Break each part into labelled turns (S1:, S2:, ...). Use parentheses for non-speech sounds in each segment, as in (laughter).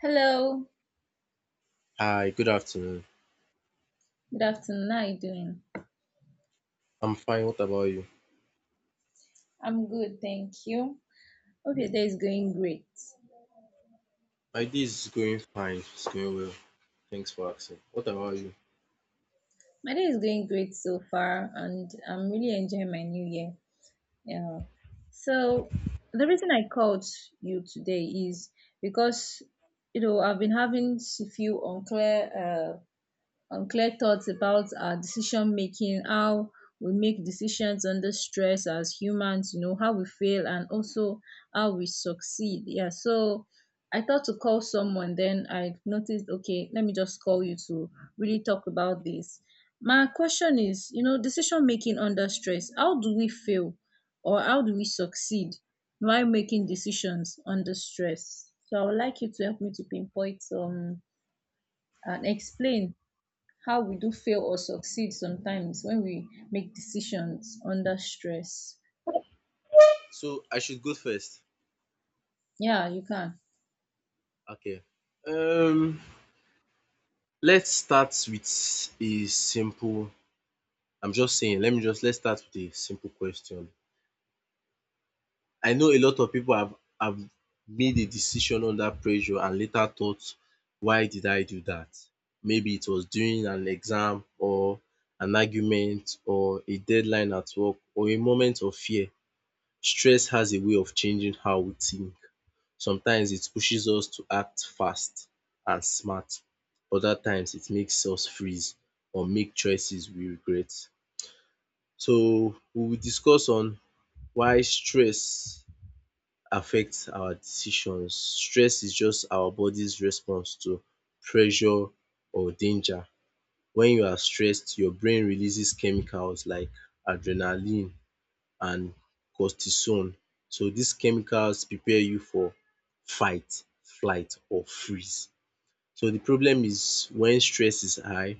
S1: Hello,
S2: Hi, good afternoon.
S1: good afternoon. How are you doing?
S2: I'm fine. What about you?
S1: I'm good, thank you. Hope your day is going great.
S2: My day is going fine. It's going well. Thanks for asking. What about you?
S1: My day is going great so far, and I'm really enjoying my new year. Yeah. So the reason I called you today is because you know I've been having few unclear unclear thoughts about our decision making, how we make decisions under stress as humans, you know, how we fail and also how we succeed. Yeah, so I thought to call someone, then I noticed, okay, let me just call you to really talk about this. My question is, you know, decision making under stress, how do we fail or how do we succeed while making decisions under stress? So I would like you to help me to pinpoint and explain how we do fail or succeed sometimes when we make decisions under stress.
S2: So I should go first.
S1: Yeah, you can.
S2: Okay. Um, let's start with a simple. I'm just saying. Let me just let's start with a simple question. I know a lot of people have made a decision under pressure and later thought, why did I do that? Maybe it was during an exam or an argument or a deadline at work or a moment of fear. Stress has a way of changing how we think. Sometimes it pushes us to act fast and smart. Other times it makes us freeze or make choices we regret. So we will discuss on why stress affects our decisions. Stress is just our body's response to pressure or danger. When you are stressed, your brain releases chemicals like adrenaline and cortisone. So these chemicals prepare you for fight, flight or freeze. So the problem is when stress is high,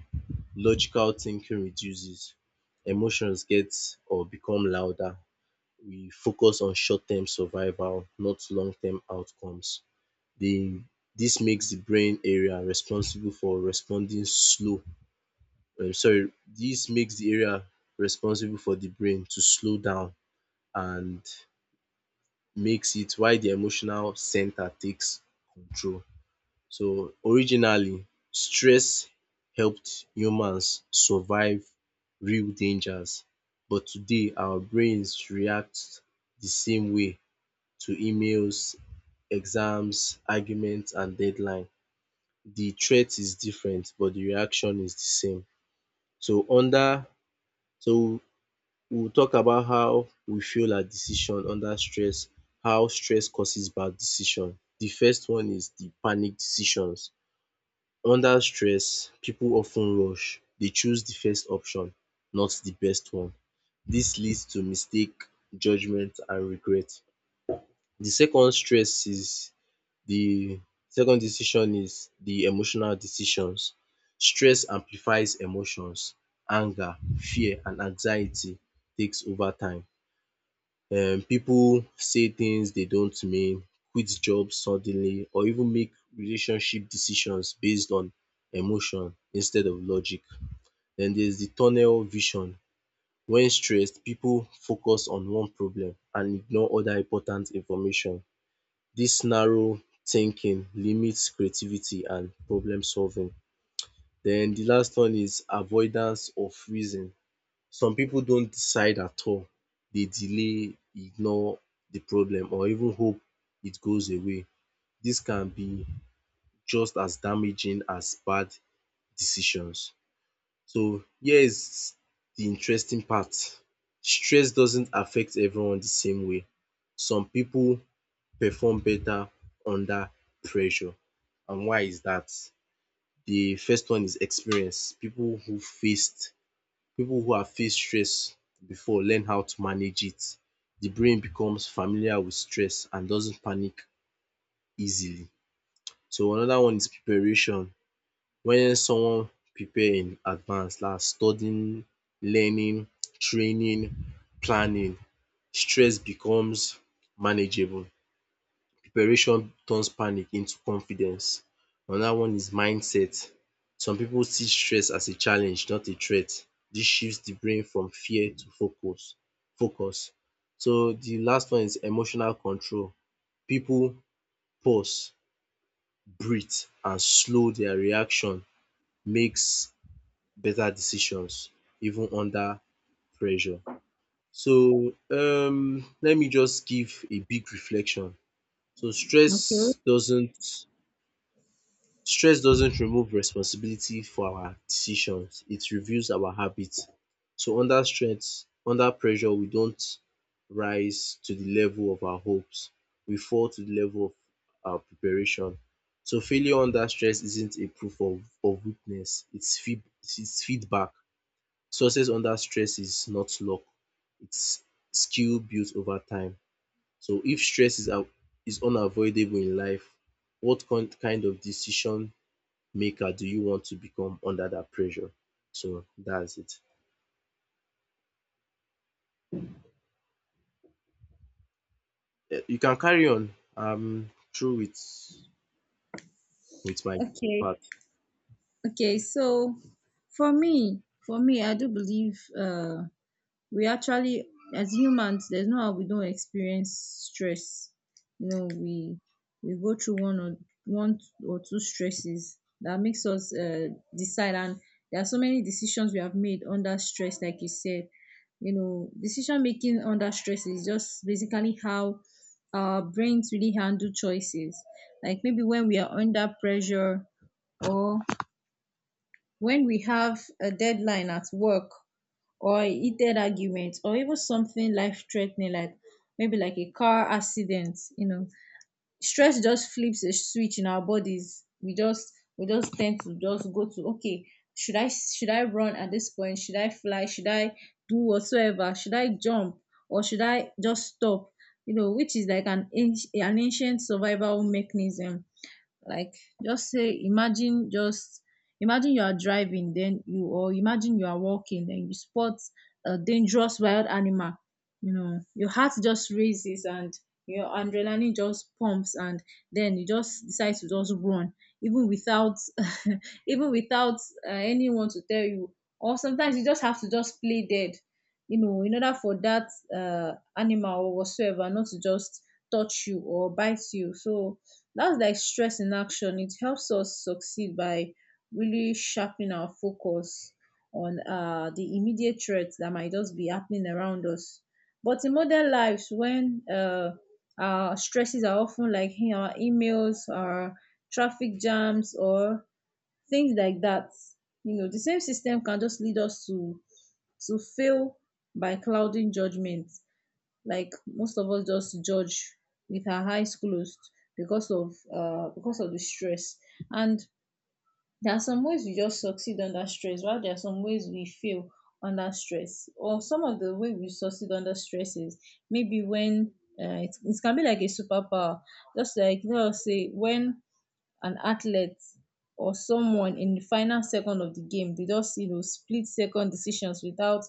S2: logical thinking reduces, emotions get or become louder. We focus on short term survival, not long term outcomes. The this makes the brain area responsible for responding slow. Sorry, this makes the area responsible for the brain to slow down and makes it while the emotional center takes control. So originally, stress helped humans survive real dangers, but today our brains react the same way to emails, exams, arguments and deadline. The threat is different but the reaction is the same. So under so we will talk about how we feel our decision under stress, how stress causes bad decision. The first one is the panic decisions. Under stress, people often rush. They choose the first option, not the best one. This leads to mistake, judgement and regret. The second stress is the second decision is the emotional decisions. Stress amplifies emotions. Anger, fear and anxiety takes over time. Pipu say things they don't mean, quit job suddenly or even make relationship decisions based on emotion instead of logic. Den there's the tunnel vision. When stressed, pipu focus on one problem and ignore other important information. Dis narrow thinking limits creativity and problem solving. Den the last one is avoidance of reason. Some people don't decide at all. They delay, ignore the problem or even hope it goes away. This can be just as damaging as bad decisions. So, here is the interesting part. Stress doesn't affect everyone the same way. Some people perform better under pressure. And why is that? The first one is experience. People who have faced stress before learn how to manage it. The brain becomes familiar with stress and doesn't panic easily. So another one is preparation. When someone prepare in advance like studying, learning, training, planning, stress becomes manageable. Preparation turns panic into confidence. Another one is mindset. Some people see stress as a challenge, not a threat. This shifts the brain from fear to focus. So the last one is emotional control. People pause, breathe and slow their reaction makes better decisions even under pressure. So let me just give a big reflection. So
S1: Okay.
S2: stress doesn't Stress doesn't remove responsibility for our decisions, it reveals our habits. So under stress, under pressure, we don't rise to the level of our hopes, we fall to the level of our preparation. So failure under stress isn't a proof of weakness, it's feedback. Success under stress is not luck, it's skill built over time. So if stress is unavoidable in life, what con kind of decision maker do you want to become under that pressure? So that's it. Eh, you can carry on. I'm through with my
S1: Okay.
S2: part.
S1: Okay. So for me, I do believe. We actually as humans there's no how we don't experience stress, you know, we go through one or two stresses that makes us decide, and there are so many decisions we have made under stress. Like you said, you know, decision making under stress is just basically how our brains really handle choices, like maybe when we are under pressure, or when we have a deadline at work, or a heated argument, or even something life threatening, like maybe like a car accident. You know, stress just flips a switch in our bodies. We just tend to just go to, okay, should I run at this point? Should I fly? Should I do whatsoever? Should I jump, or should I just stop? You know, which is like an ancient survival mechanism. Like, just say imagine just imagine you are driving then you, or imagine you are walking then you spot a dangerous wild animal. You know, your heart just raises and your adrenaline just pumps, and then you just decide to just run, even without (laughs) even without anyone to tell you. Or sometimes you just have to just play dead, you know, in order for that animal or whatsoever not to just touch you or bite you. So that's like stress in action. It helps us succeed by really sharpening our focus on the immediate threats that might just be happening around us. But in modern lives, when our stresses are often like in our emails, our traffic jams, or things like that, you know, the same system can just lead us to fail by clouding judgment. Like most of us just judge with our eyes closed because of the stress. And there are some ways we just succeed under stress, while there are some ways we fail under stress. Or some of the way we succeed under stress is maybe when it can be like a superpower. Just like, let us say, when an athlete or someone in the final second of the game. They just, you know, split second decisions without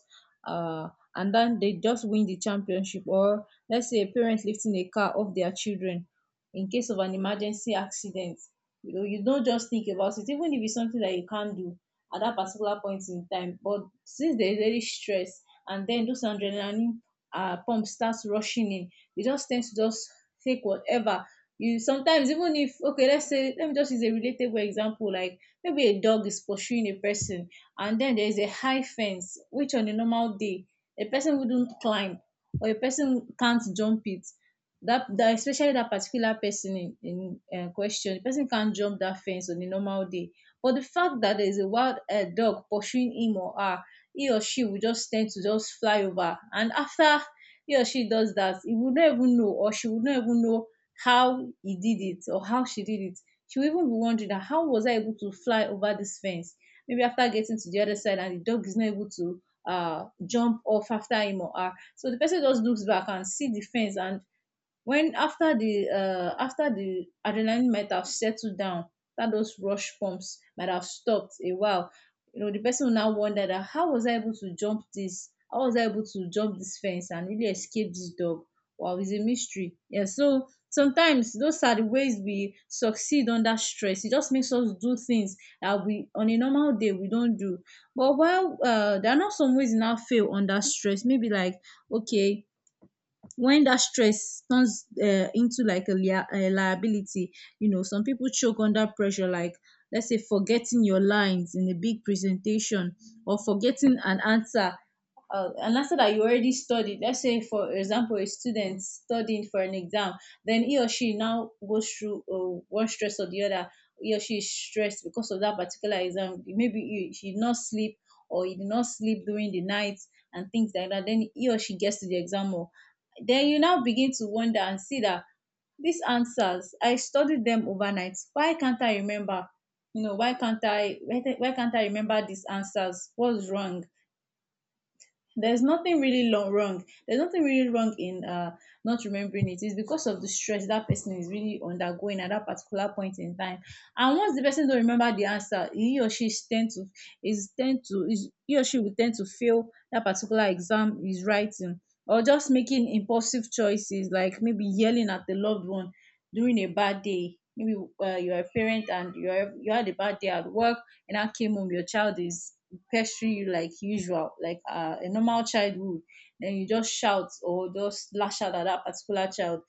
S1: uh and then they just win the championship. Or let's say a parent lifting a car off their children in case of an emergency accident. You know, you don't just think about it, even if it's something that you can't do at that particular point in time. But since there is very stress, and then those adrenaline pump starts rushing in, you just tend to just take whatever. You sometimes, even if, okay, let's say, let me just use a relatable example, like maybe a dog is pursuing a person, and then there is a high fence which on a normal day a person wouldn't climb, or a person can't jump it. That especially that particular person in question, the person can't jump that fence on a normal day. But the fact that there is a wild dog pursuing him or her, he or she will just tend to just fly over. And after he or she does that, he would not even know, or she would not even know how he did it or how she did it. She will even be wondering that, how was I able to fly over this fence? Maybe after getting to the other side and the dog is not able to jump off after him or her. So the person just looks back and see the fence, and when after the adrenaline might have settled down, that those rush pumps might have stopped a while. You know, the person will now wonder that, how was I able to jump this? How was I able to jump this fence and really escape this dog? Wow, it's a mystery. Yeah, so sometimes those are the ways we succeed under stress. It just makes us do things that we on a normal day we don't do. But while there are not some ways we now fail under stress, maybe like, okay, when that stress turns into like a liability. You know, some people choke under pressure, like let's say forgetting your lines in a big presentation, or forgetting an answer, an answer that you already studied. Let's say for example a student studying for an exam, then he or she now goes through one stress or the other. He or she is stressed because of that particular exam. Maybe she did not sleep, or he did not sleep during the night, and things like that. Then he or she gets to the exam hall, then you now begin to wonder and see that, these answers, I studied them overnight. Why can't I remember? You know, why can't I, why can't I remember these answers? What's wrong? There's nothing really wrong. There's nothing really wrong in not remembering it. It's because of the stress that person is really undergoing at that particular point in time. And once the person don't remember the answer, he or she is tend to is tend to is he or she will tend to fail that particular exam is writing. Or just making impulsive choices, like maybe yelling at the loved one during a bad day. Maybe you're a parent and you had a bad day at work, and now came home, your child is pestering you like usual, like a normal child would, then you just shout or just lash out at that particular child.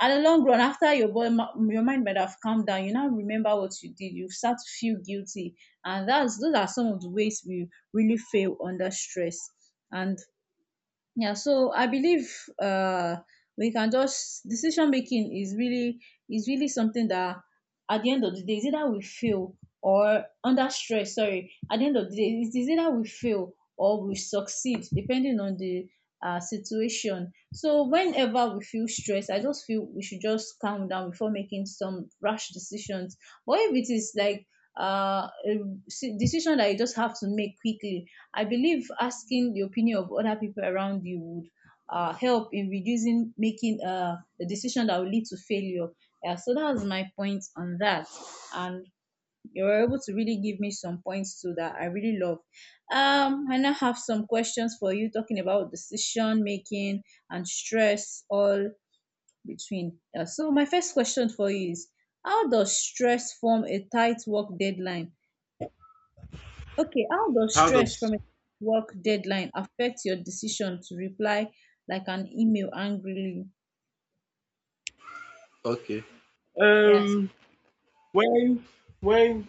S1: At the long run, after your boy, your mind might have calmed down, you now remember what you did. You start to feel guilty, and that's those are some of the ways we really fail under stress. And yeah, so I believe uh, we can just, decision making is really something that at the end of the day is either we fail or under stress. Sorry, at the end of the day it is either we fail or we succeed depending on the situation. So whenever we feel stressed, I just feel we should just calm down before making some rash decisions. But if it is like a decision that you just have to make quickly, I believe asking the opinion of other people around you would help in reducing making a decision that will lead to failure. Yeah, so that was my point on that. And you were able to really give me some points too that I really love. I now have some questions for you talking about decision making and stress all between. Yeah, so my first question for you is, how does stress form a tight work deadline. Okay, how does
S2: How
S1: stress from
S2: does
S1: a work
S2: Okay.
S1: deadline affect your decision to reply like an email angrily?
S2: Okay.
S1: Yes.
S2: Um when when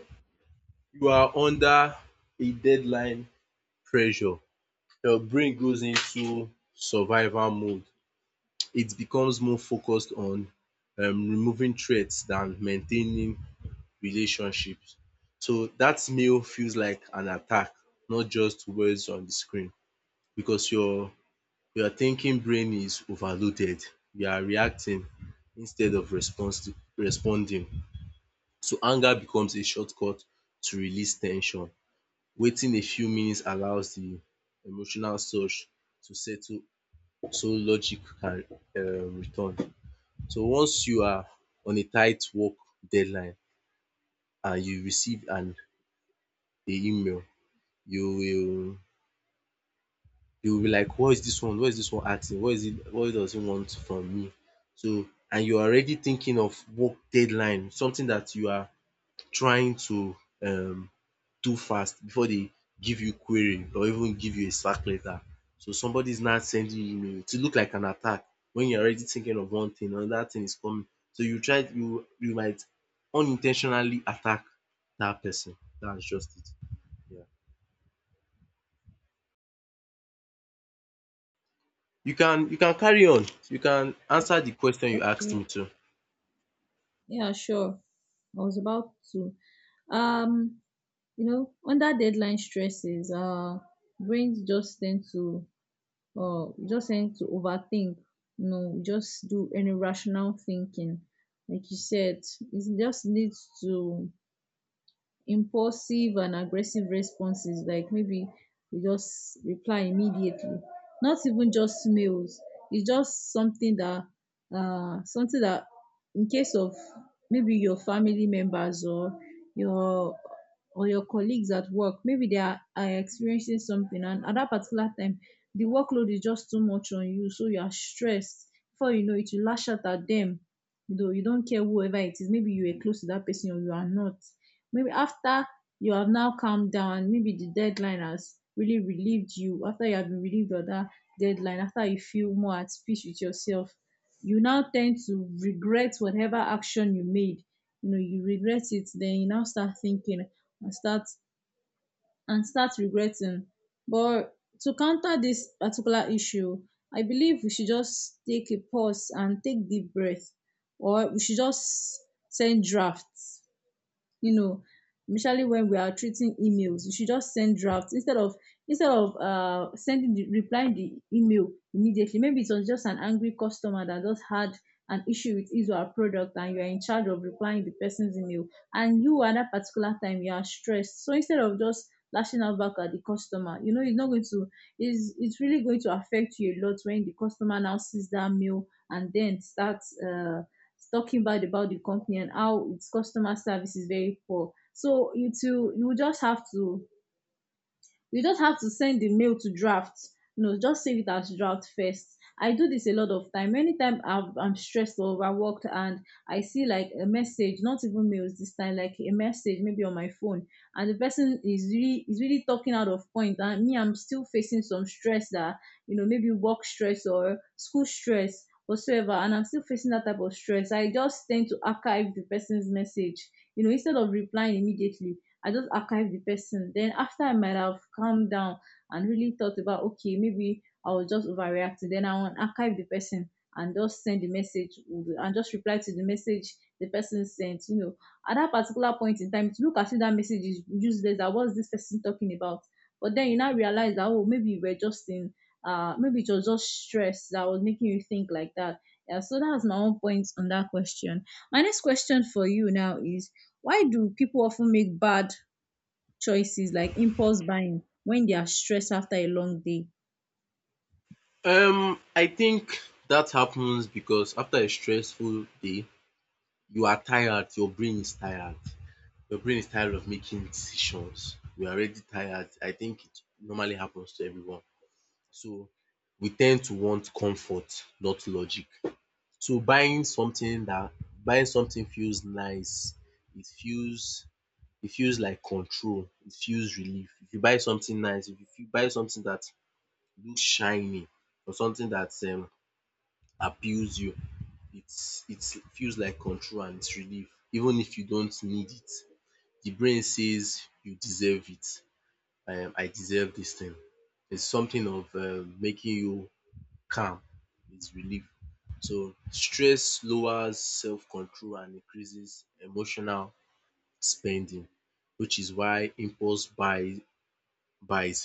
S2: you are under a deadline pressure, your brain goes into survival mode. It becomes more focused on removing threats than maintaining relationships. So that mail feels like an attack, not just words on the screen because your thinking brain is overloaded. You are reacting instead of response responding. So anger becomes a shortcut to release tension. Waiting a few minutes allows the emotional surge to settle so logic can return. So once you are on a tight work deadline and you receive an a email, you will you will be like, what is this one? What is this one asking? What is it? What does he want from me? So, and you're already thinking of work deadline, something that you are trying to um do fast before they give you query or even give you a slack letter. So somebody is now sending you email, it look like an attack. When you're already thinking of one thing, another thing is coming. So you try you you might unintentionally attack that person. That's just it. Yeah. You can carry on. You can answer the question you asked
S1: Okay.
S2: me to.
S1: Yeah, sure. I was about to. Um, you know, under deadline stresses, brains just tend to overthink. You know, just do any rational thinking, like you said. It just needs to impulsive and aggressive responses, like maybe you just reply immediately, not even just mails. It's just something that uh something that in case of maybe your family members your or your colleagues at work, maybe they are experiencing something, and at that particular time the workload is just too much on you, so you are stressed. Before you know it, you lash out at them. You know, you don't care whoever it is, maybe you are close to that person or you are not. Maybe after you have now calmed down, maybe the deadline has really relieved you, after you have been relieved of that deadline, after you feel more at peace with yourself, you now tend to regret whatever action you made. You know, you regret it, then you now start thinking, and start and start regretting. But to counter this particular issue, I believe we should just take a pause and take deep breath, or we should just send drafts, you know, especially when we are treating emails. You should just send drafts instead of instead of sending the replying the email immediately. Maybe it was just an angry customer that just had an issue with his or her product, and you are in charge of replying the person's email, and you at that particular time you are stressed. So instead of just lashing out back at the customer, you know, it's not going to is it's really going to affect you a lot when the customer now sees that mail and then starts talking bad about the company and how its customer service is very poor. So it will you will just have to you just have to send the mail to draft. You know, just save it as draft first. I do this a lot of time. Anytime I'm stressed or overworked and I see like a message, not even mails this time, like a message maybe on my phone, and the person is really talking out of point, and me I'm still facing some stress that, you know, maybe work stress or school stress whatsoever, and I'm still facing that type of stress, I just tend to archive the person's message, you know, instead of replying immediately. I just archive the person. Then after I might have calmed down and really thought about, okay, maybe I was just overreacting, then I will archive the person and just send the message and just reply to the message the person sent. You know, at that particular point in time, it look as if that message is useless. That what's this person talking about? But then you now realize that, oh, maybe you were just in maybe it was just stress that was making you think like that. Yeah, so that's my own point on that question. My next question for you now is, why do people often make bad choices like impulse buying when they are stressed after a long day?
S2: I think that happens because after a stressful day, you are tired. Your brain is tired. Your brain is tired of making decisions. We are already tired. I think it normally happens to everyone. So we tend to want comfort, not logic. So buying something feels nice. It feels it feels like control, it feels relief. If you buy something nice, if you buy something that looks shiny or something that appeals you, it feels like control and it's relief even if you don't need it. The brain says you deserve it, I deserve this thing. It's something of making you calm, it's relief. So stress lowers self control and increases emotional spending, which is why impulse buys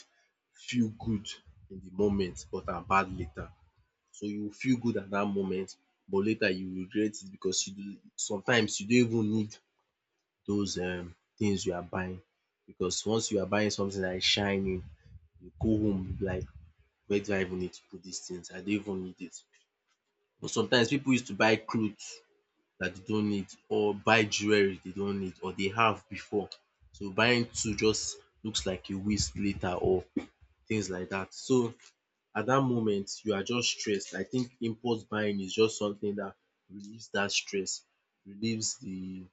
S2: feel good in the moment but are bad later. So you feel good at that moment but later you regret it because you do, sometimes you don't even need those things you are buying. Because once you are buying something like shining, you go home like, where do I even need to put these things? I don't even need it. But sometimes people used to buy clothes that they don't need or buy jewelry they don't need or they have before. So buying two just looks like a waste later or things like that. So at that moment you are just stressed. I think impulse buying is just something that relieves that stress, relieves the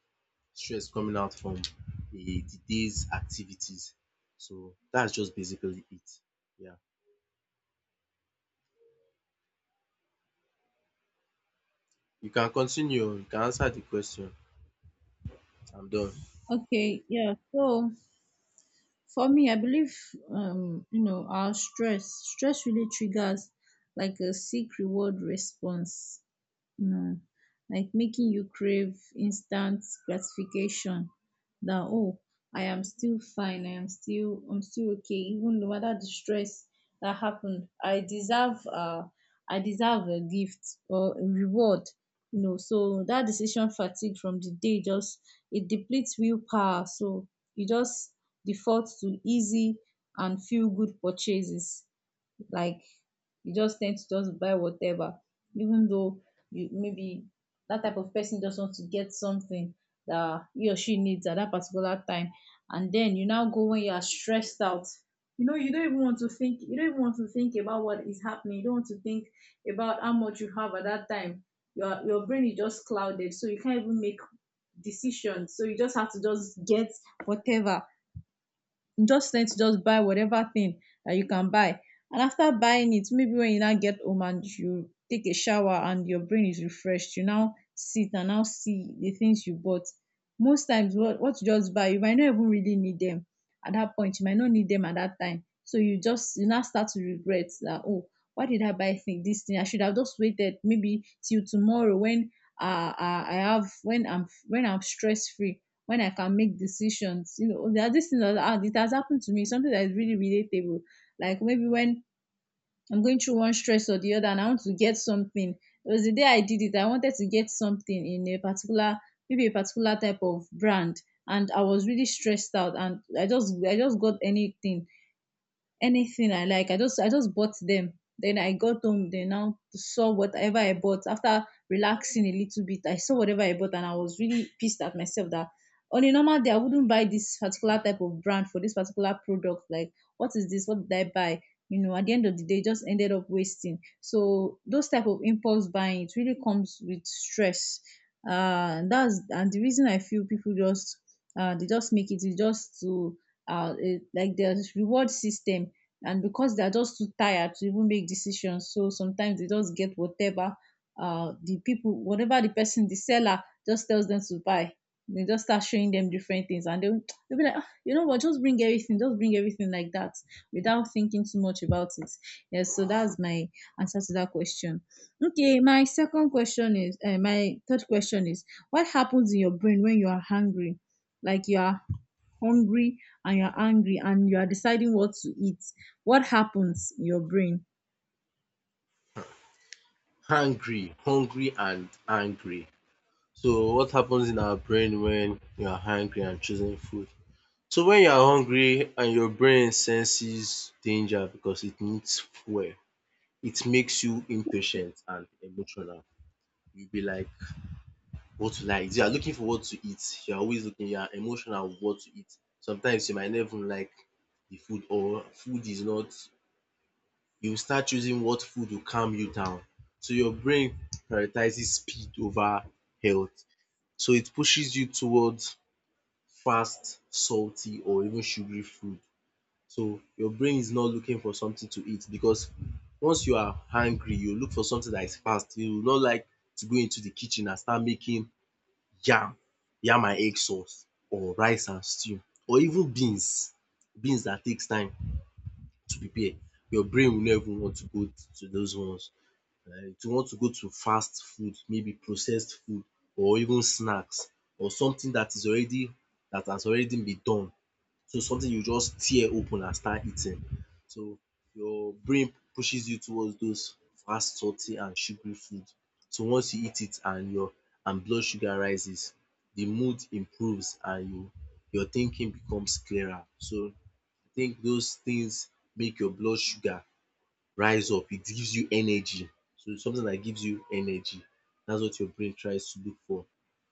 S2: stress coming out from the day's activities. So that's just basically it. Yeah. You can continue. You can answer the question. I'm done.
S1: Okay, yeah. So for me, I believe, you know, our stress really triggers like a seek reward response. No. Like making you crave instant gratification that, oh, I am still fine, I'm still okay, even no matter the stress that happened. I deserve I deserve a gift or a reward. You know, so that decision fatigue from the day just, it depletes willpower. So you just default to easy and feel good purchases, like you just tend to just buy whatever, even though you maybe, that type of person just wants to get something that he or she needs at that particular time, and then you now go when you are stressed out, you know, you don't even want to think, you don't even want to think about what is happening, you don't want to think about how much you have at that time. Your brain is just clouded, so you can't even make decisions, so you just have to just get whatever, just tend to just buy whatever thing that you can buy. And after buying it, maybe when you now get home and you take a shower and your brain is refreshed, you now sit and now see the things you bought. Most times, what you just buy, you might not even really need them at that point. You might not need them at that time. So you just, you now start to regret that, oh, why did I buy thing, this thing? I should have just waited maybe till tomorrow when I have, when I'm stress free, when I can make decisions. You know, there are these things that, ah, it has happened to me, something that is really relatable. Like maybe when I'm going through one stress or the other and I want to get something. It was the day I did it, I wanted to get something in a particular, maybe a particular type of brand, and I was really stressed out, and I just got anything, anything I like. I just bought them. Then I got home. Then now saw whatever I bought. After relaxing a little bit, I saw whatever I bought, and I was really pissed at myself that on a normal day I wouldn't buy this particular type of brand for this particular product. Like, what is this? What did I buy? You know, at the end of the day, it just ended up wasting. So those type of impulse buying, it really comes with stress. And that's and the reason I feel people just they just make it is just to like their reward system, and because they are just too tired to even make decisions, so sometimes they just get whatever the people whatever the person the seller just tells them to buy. They just start showing them different things, and they'll be like, "Ah, you know what, just bring everything, just bring everything," like that, without thinking too much about it. Yes, so that's my answer to that question. Okay, my second question is my third question is, what happens in your brain when you are hungry, like you are hungry and you're angry and you are deciding what to eat, what happens in your brain?
S2: Hungry, hungry and angry. So what happens in our brain when you are hungry and choosing food? So when you are hungry and your brain senses danger because it needs fuel, it makes you impatient and emotional. You'll be like, what to like? You are looking for what to eat. You're always looking, you are emotional with what to eat. Sometimes you might not even like the food or food is not, you start choosing what food will calm you down. So your brain prioritizes speed over health. So it pushes you towards fast, salty or even sugary food. So your brain is not looking for something to eat because once you are hungry, you look for something that is fast. You will not like to go into the kitchen and start making yam, yam and egg sauce or rice and stew or even beans that takes time to prepare. Your brain will not even want to go to those ones. It will want to go to fast food, maybe processed food or even snacks or something that is already, that has already been done, to something you just tear open and start eating. So your brain pushes you towards those fast, salty and sugary food. So once you eat it and your and blood sugar rises, the mood improves and your thinking becomes clearer. So I think those things make your blood sugar rise up, it gives you energy. So something that gives you energy. That's what your brain tries to look for.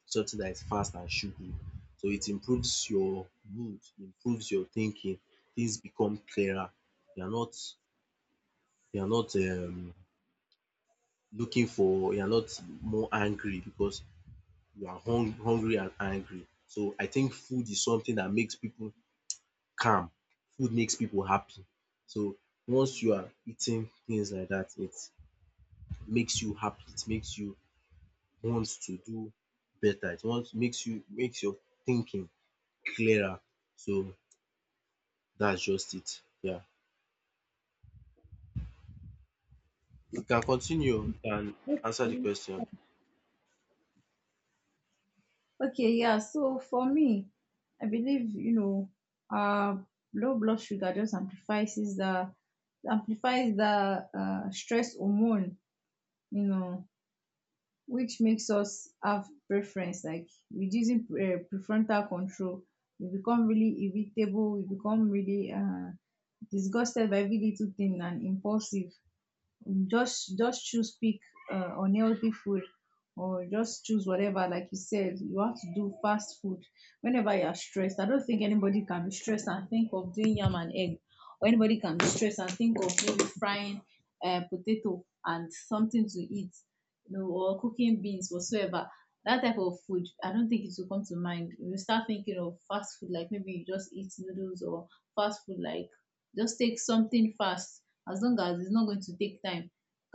S2: Something that is fast and sugary. So it improves your mood, improves your thinking. Things become clearer. You are not you are not looking for you are not more angry because you are hungry and angry. So I think food is something that makes people calm. Food makes people happy. So once you are eating things like that, it makes you happy, it makes you want to do better, it want makes you makes your thinking clearer. So that's just it. Yeah. You can continue and answer the
S1: Okay.
S2: question.
S1: Okay, yeah. So for me, I believe, you know, uh low blood sugar just amplifies the stress hormone, you know, which makes us have preference, like reducing prefrontal control. You become really irritable, you become really disgusted by every little thing and impulsive. Just choose pick unhealthy food or just choose whatever. Like you said, you have to do fast food whenever you are stressed. I don't think anybody can be stressed and think of doing yam and egg, or anybody can be stressed and think of maybe frying potato and something to eat, you know, or cooking beans whatsoever. That type of food, I don't think it will come to mind. You start thinking of fast food, like maybe you just eat noodles, or fast food like just take something fast, as long as it's not going to take time.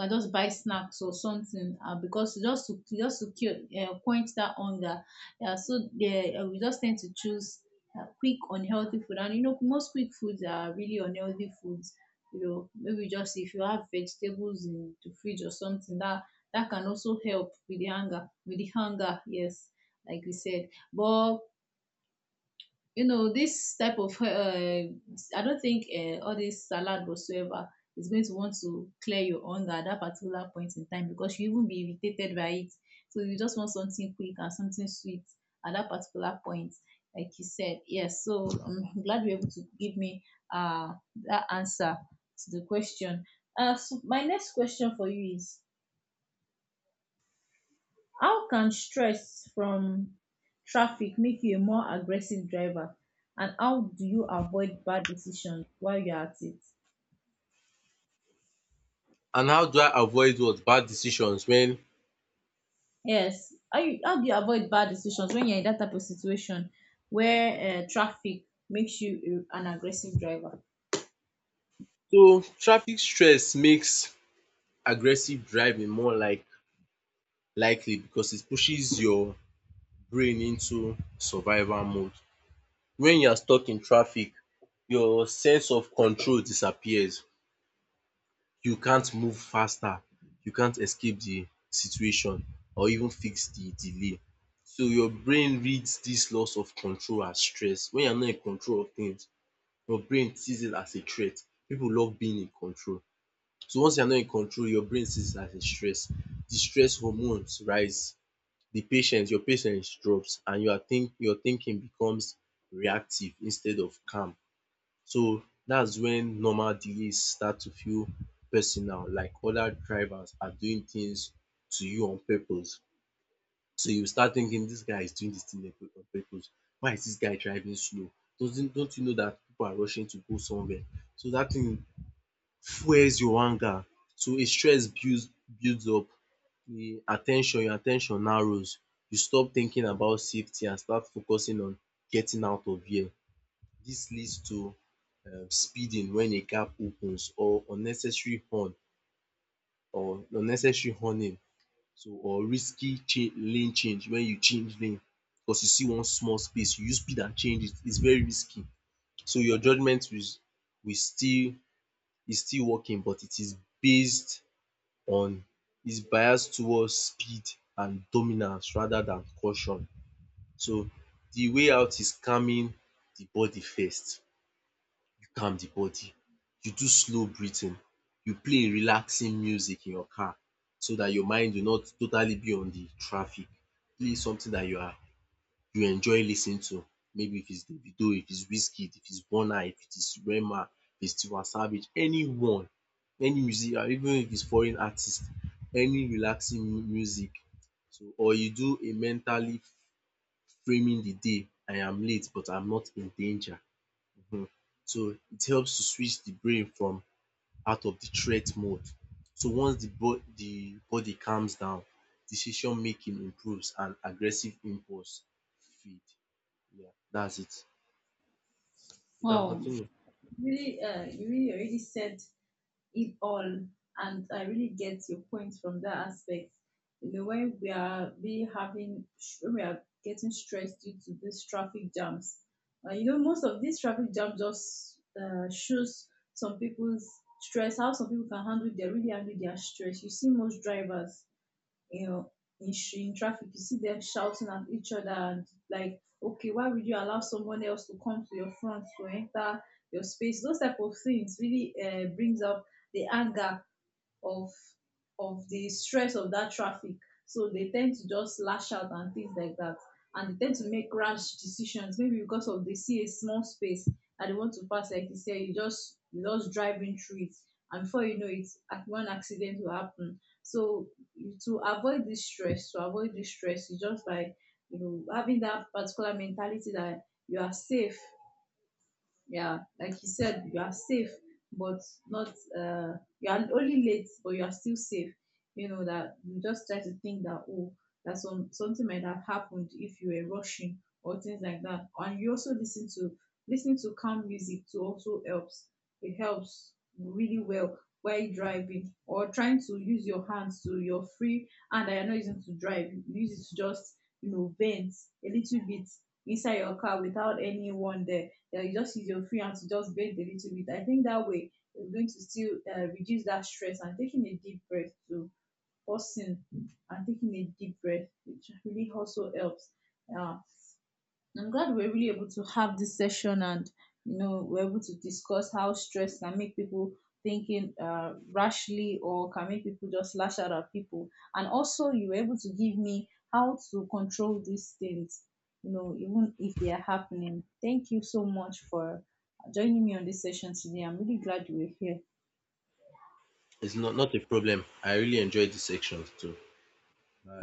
S1: You can just buy snacks or something, and because just to cure, quench that hunger. Yeah, so there, we just tend to choose quick unhealthy food, and you know most quick foods are really unhealthy foods. You know, maybe just if you have vegetables in the fridge or something that that can also help with the hunger, with the hunger, yes, like we said. But you know this type of I don't think all this salad whatsoever is going to want to clear your hunger at that particular point in time, because you even be irritated by it. So you just want something quick and something sweet at that particular point, like you said. Yes, so I'm glad you're able to give me uh that answer to the question. So my next question for you is, how can stress from traffic make you a more aggressive driver, and how do you avoid bad decisions while you're at it?
S2: And how do I avoid what? Bad decisions when.
S1: Yes, how, you, how do you avoid bad decisions when you're in that type of situation where traffic makes you a- an aggressive driver?
S2: So traffic stress makes aggressive driving more like likely because it pushes your brain into survival mode. When you are stuck in traffic, your sense of control disappears. You can't move faster, you can't escape the situation or even fix the delay. So your brain reads dis loss of control as stress. Wen you are not in control of things, your brain sees it as a threat. Pipu love being in control. So once you are not in control, your brain sees it as a stress. The stress hormones rise, your patience drops and your thinking becomes reactive instead of calm. So that's when normal delays start to feel personal, like other drivers are doing things to you on purpose. So you start thinking this guy is doing this thing on purpose. Why is this guy driving slow? Doesn't Don't you know that people are rushing to go somewhere? So that thing fuels your anger. So a stress builds up. Your attention narrows. You stop thinking about safety and start focusing on getting out of here. This leads to speeding when a gap opens or unnecessary horning, so or lane change. When you change lane because you see one small space, you use speed and change it, is very risky. So your judgement will still is still working but it is based on is bias towards speed and dominance rather than caution. So, the way out is calming the body first. Calm the body. You do slow breathing, you play relaxing music in your car so dat your mind will not totally be on the traffic. Play something dat you enjoy lis ten ing to. Maybe if it's Davido, if it's Wizkid, if it's Burna, if it is Rema, if it's Tiwa Savage, anyone, any music even if it's foreign artist, any relaxing music. So or you do a mentally framing the day, I am late but I'm not in danger. um so it helps to switch the brain from out of the threat mode. So once the body calms down, decision making improves and aggressive impulse feed. Yeah, that's it. You can
S1: Wow,
S2: continue.
S1: really, you really already said it all. And I really get your point from that aspect. You know, when we are be having, when we are getting stressed due to these traffic jams, you know, most of these traffic jams just shows some people's stress, how some people can handle, they really handle their stress. You see most drivers, you know, in, sh- in traffic, you see them shouting at each other, and like, okay, why would you allow someone else to come to your front to enter your space? Those type of things really brings up the anger of of the stress of that traffic, so they tend to just lash out and things like that. And they tend to make rash decisions, maybe because of they see a small space and they want to pass, like you say, you just driving through it, and before you know it, ac- one accident will happen. So you- to avoid this stress, to avoid this stress is just by, you know, having that particular mentality that you are safe. Yeah, like you said, you are safe, but not uh you are only late, but you are still safe. You know, that you just try to think that, oh, that some something might have happened if you were rushing or things like that. And you also listen to listening to calm music too also helps. It helps really well while driving, or trying to use your hands, to your free hand that you're not using to drive, you use it to just, you know, bend a little bit inside your car without anyone there. Yeah, you just use your free hand to just breathe a little bit. I think that way you're going to still reduce that stress. And taking a deep breath too, pausing and taking a deep breath, which really also helps. Um, I'm glad we're really able to have this session, and you know we're able to discuss how stress can make people thinking rashly, or can make people just lash out at people. And also you were able to give me how to control these things, you know, even if they are happening. Thank you so much for joining me on this session today. I'm really glad you were here.
S2: It's not a problem. I really enjoyed this section too.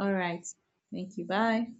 S1: All right. Thank you. Bye.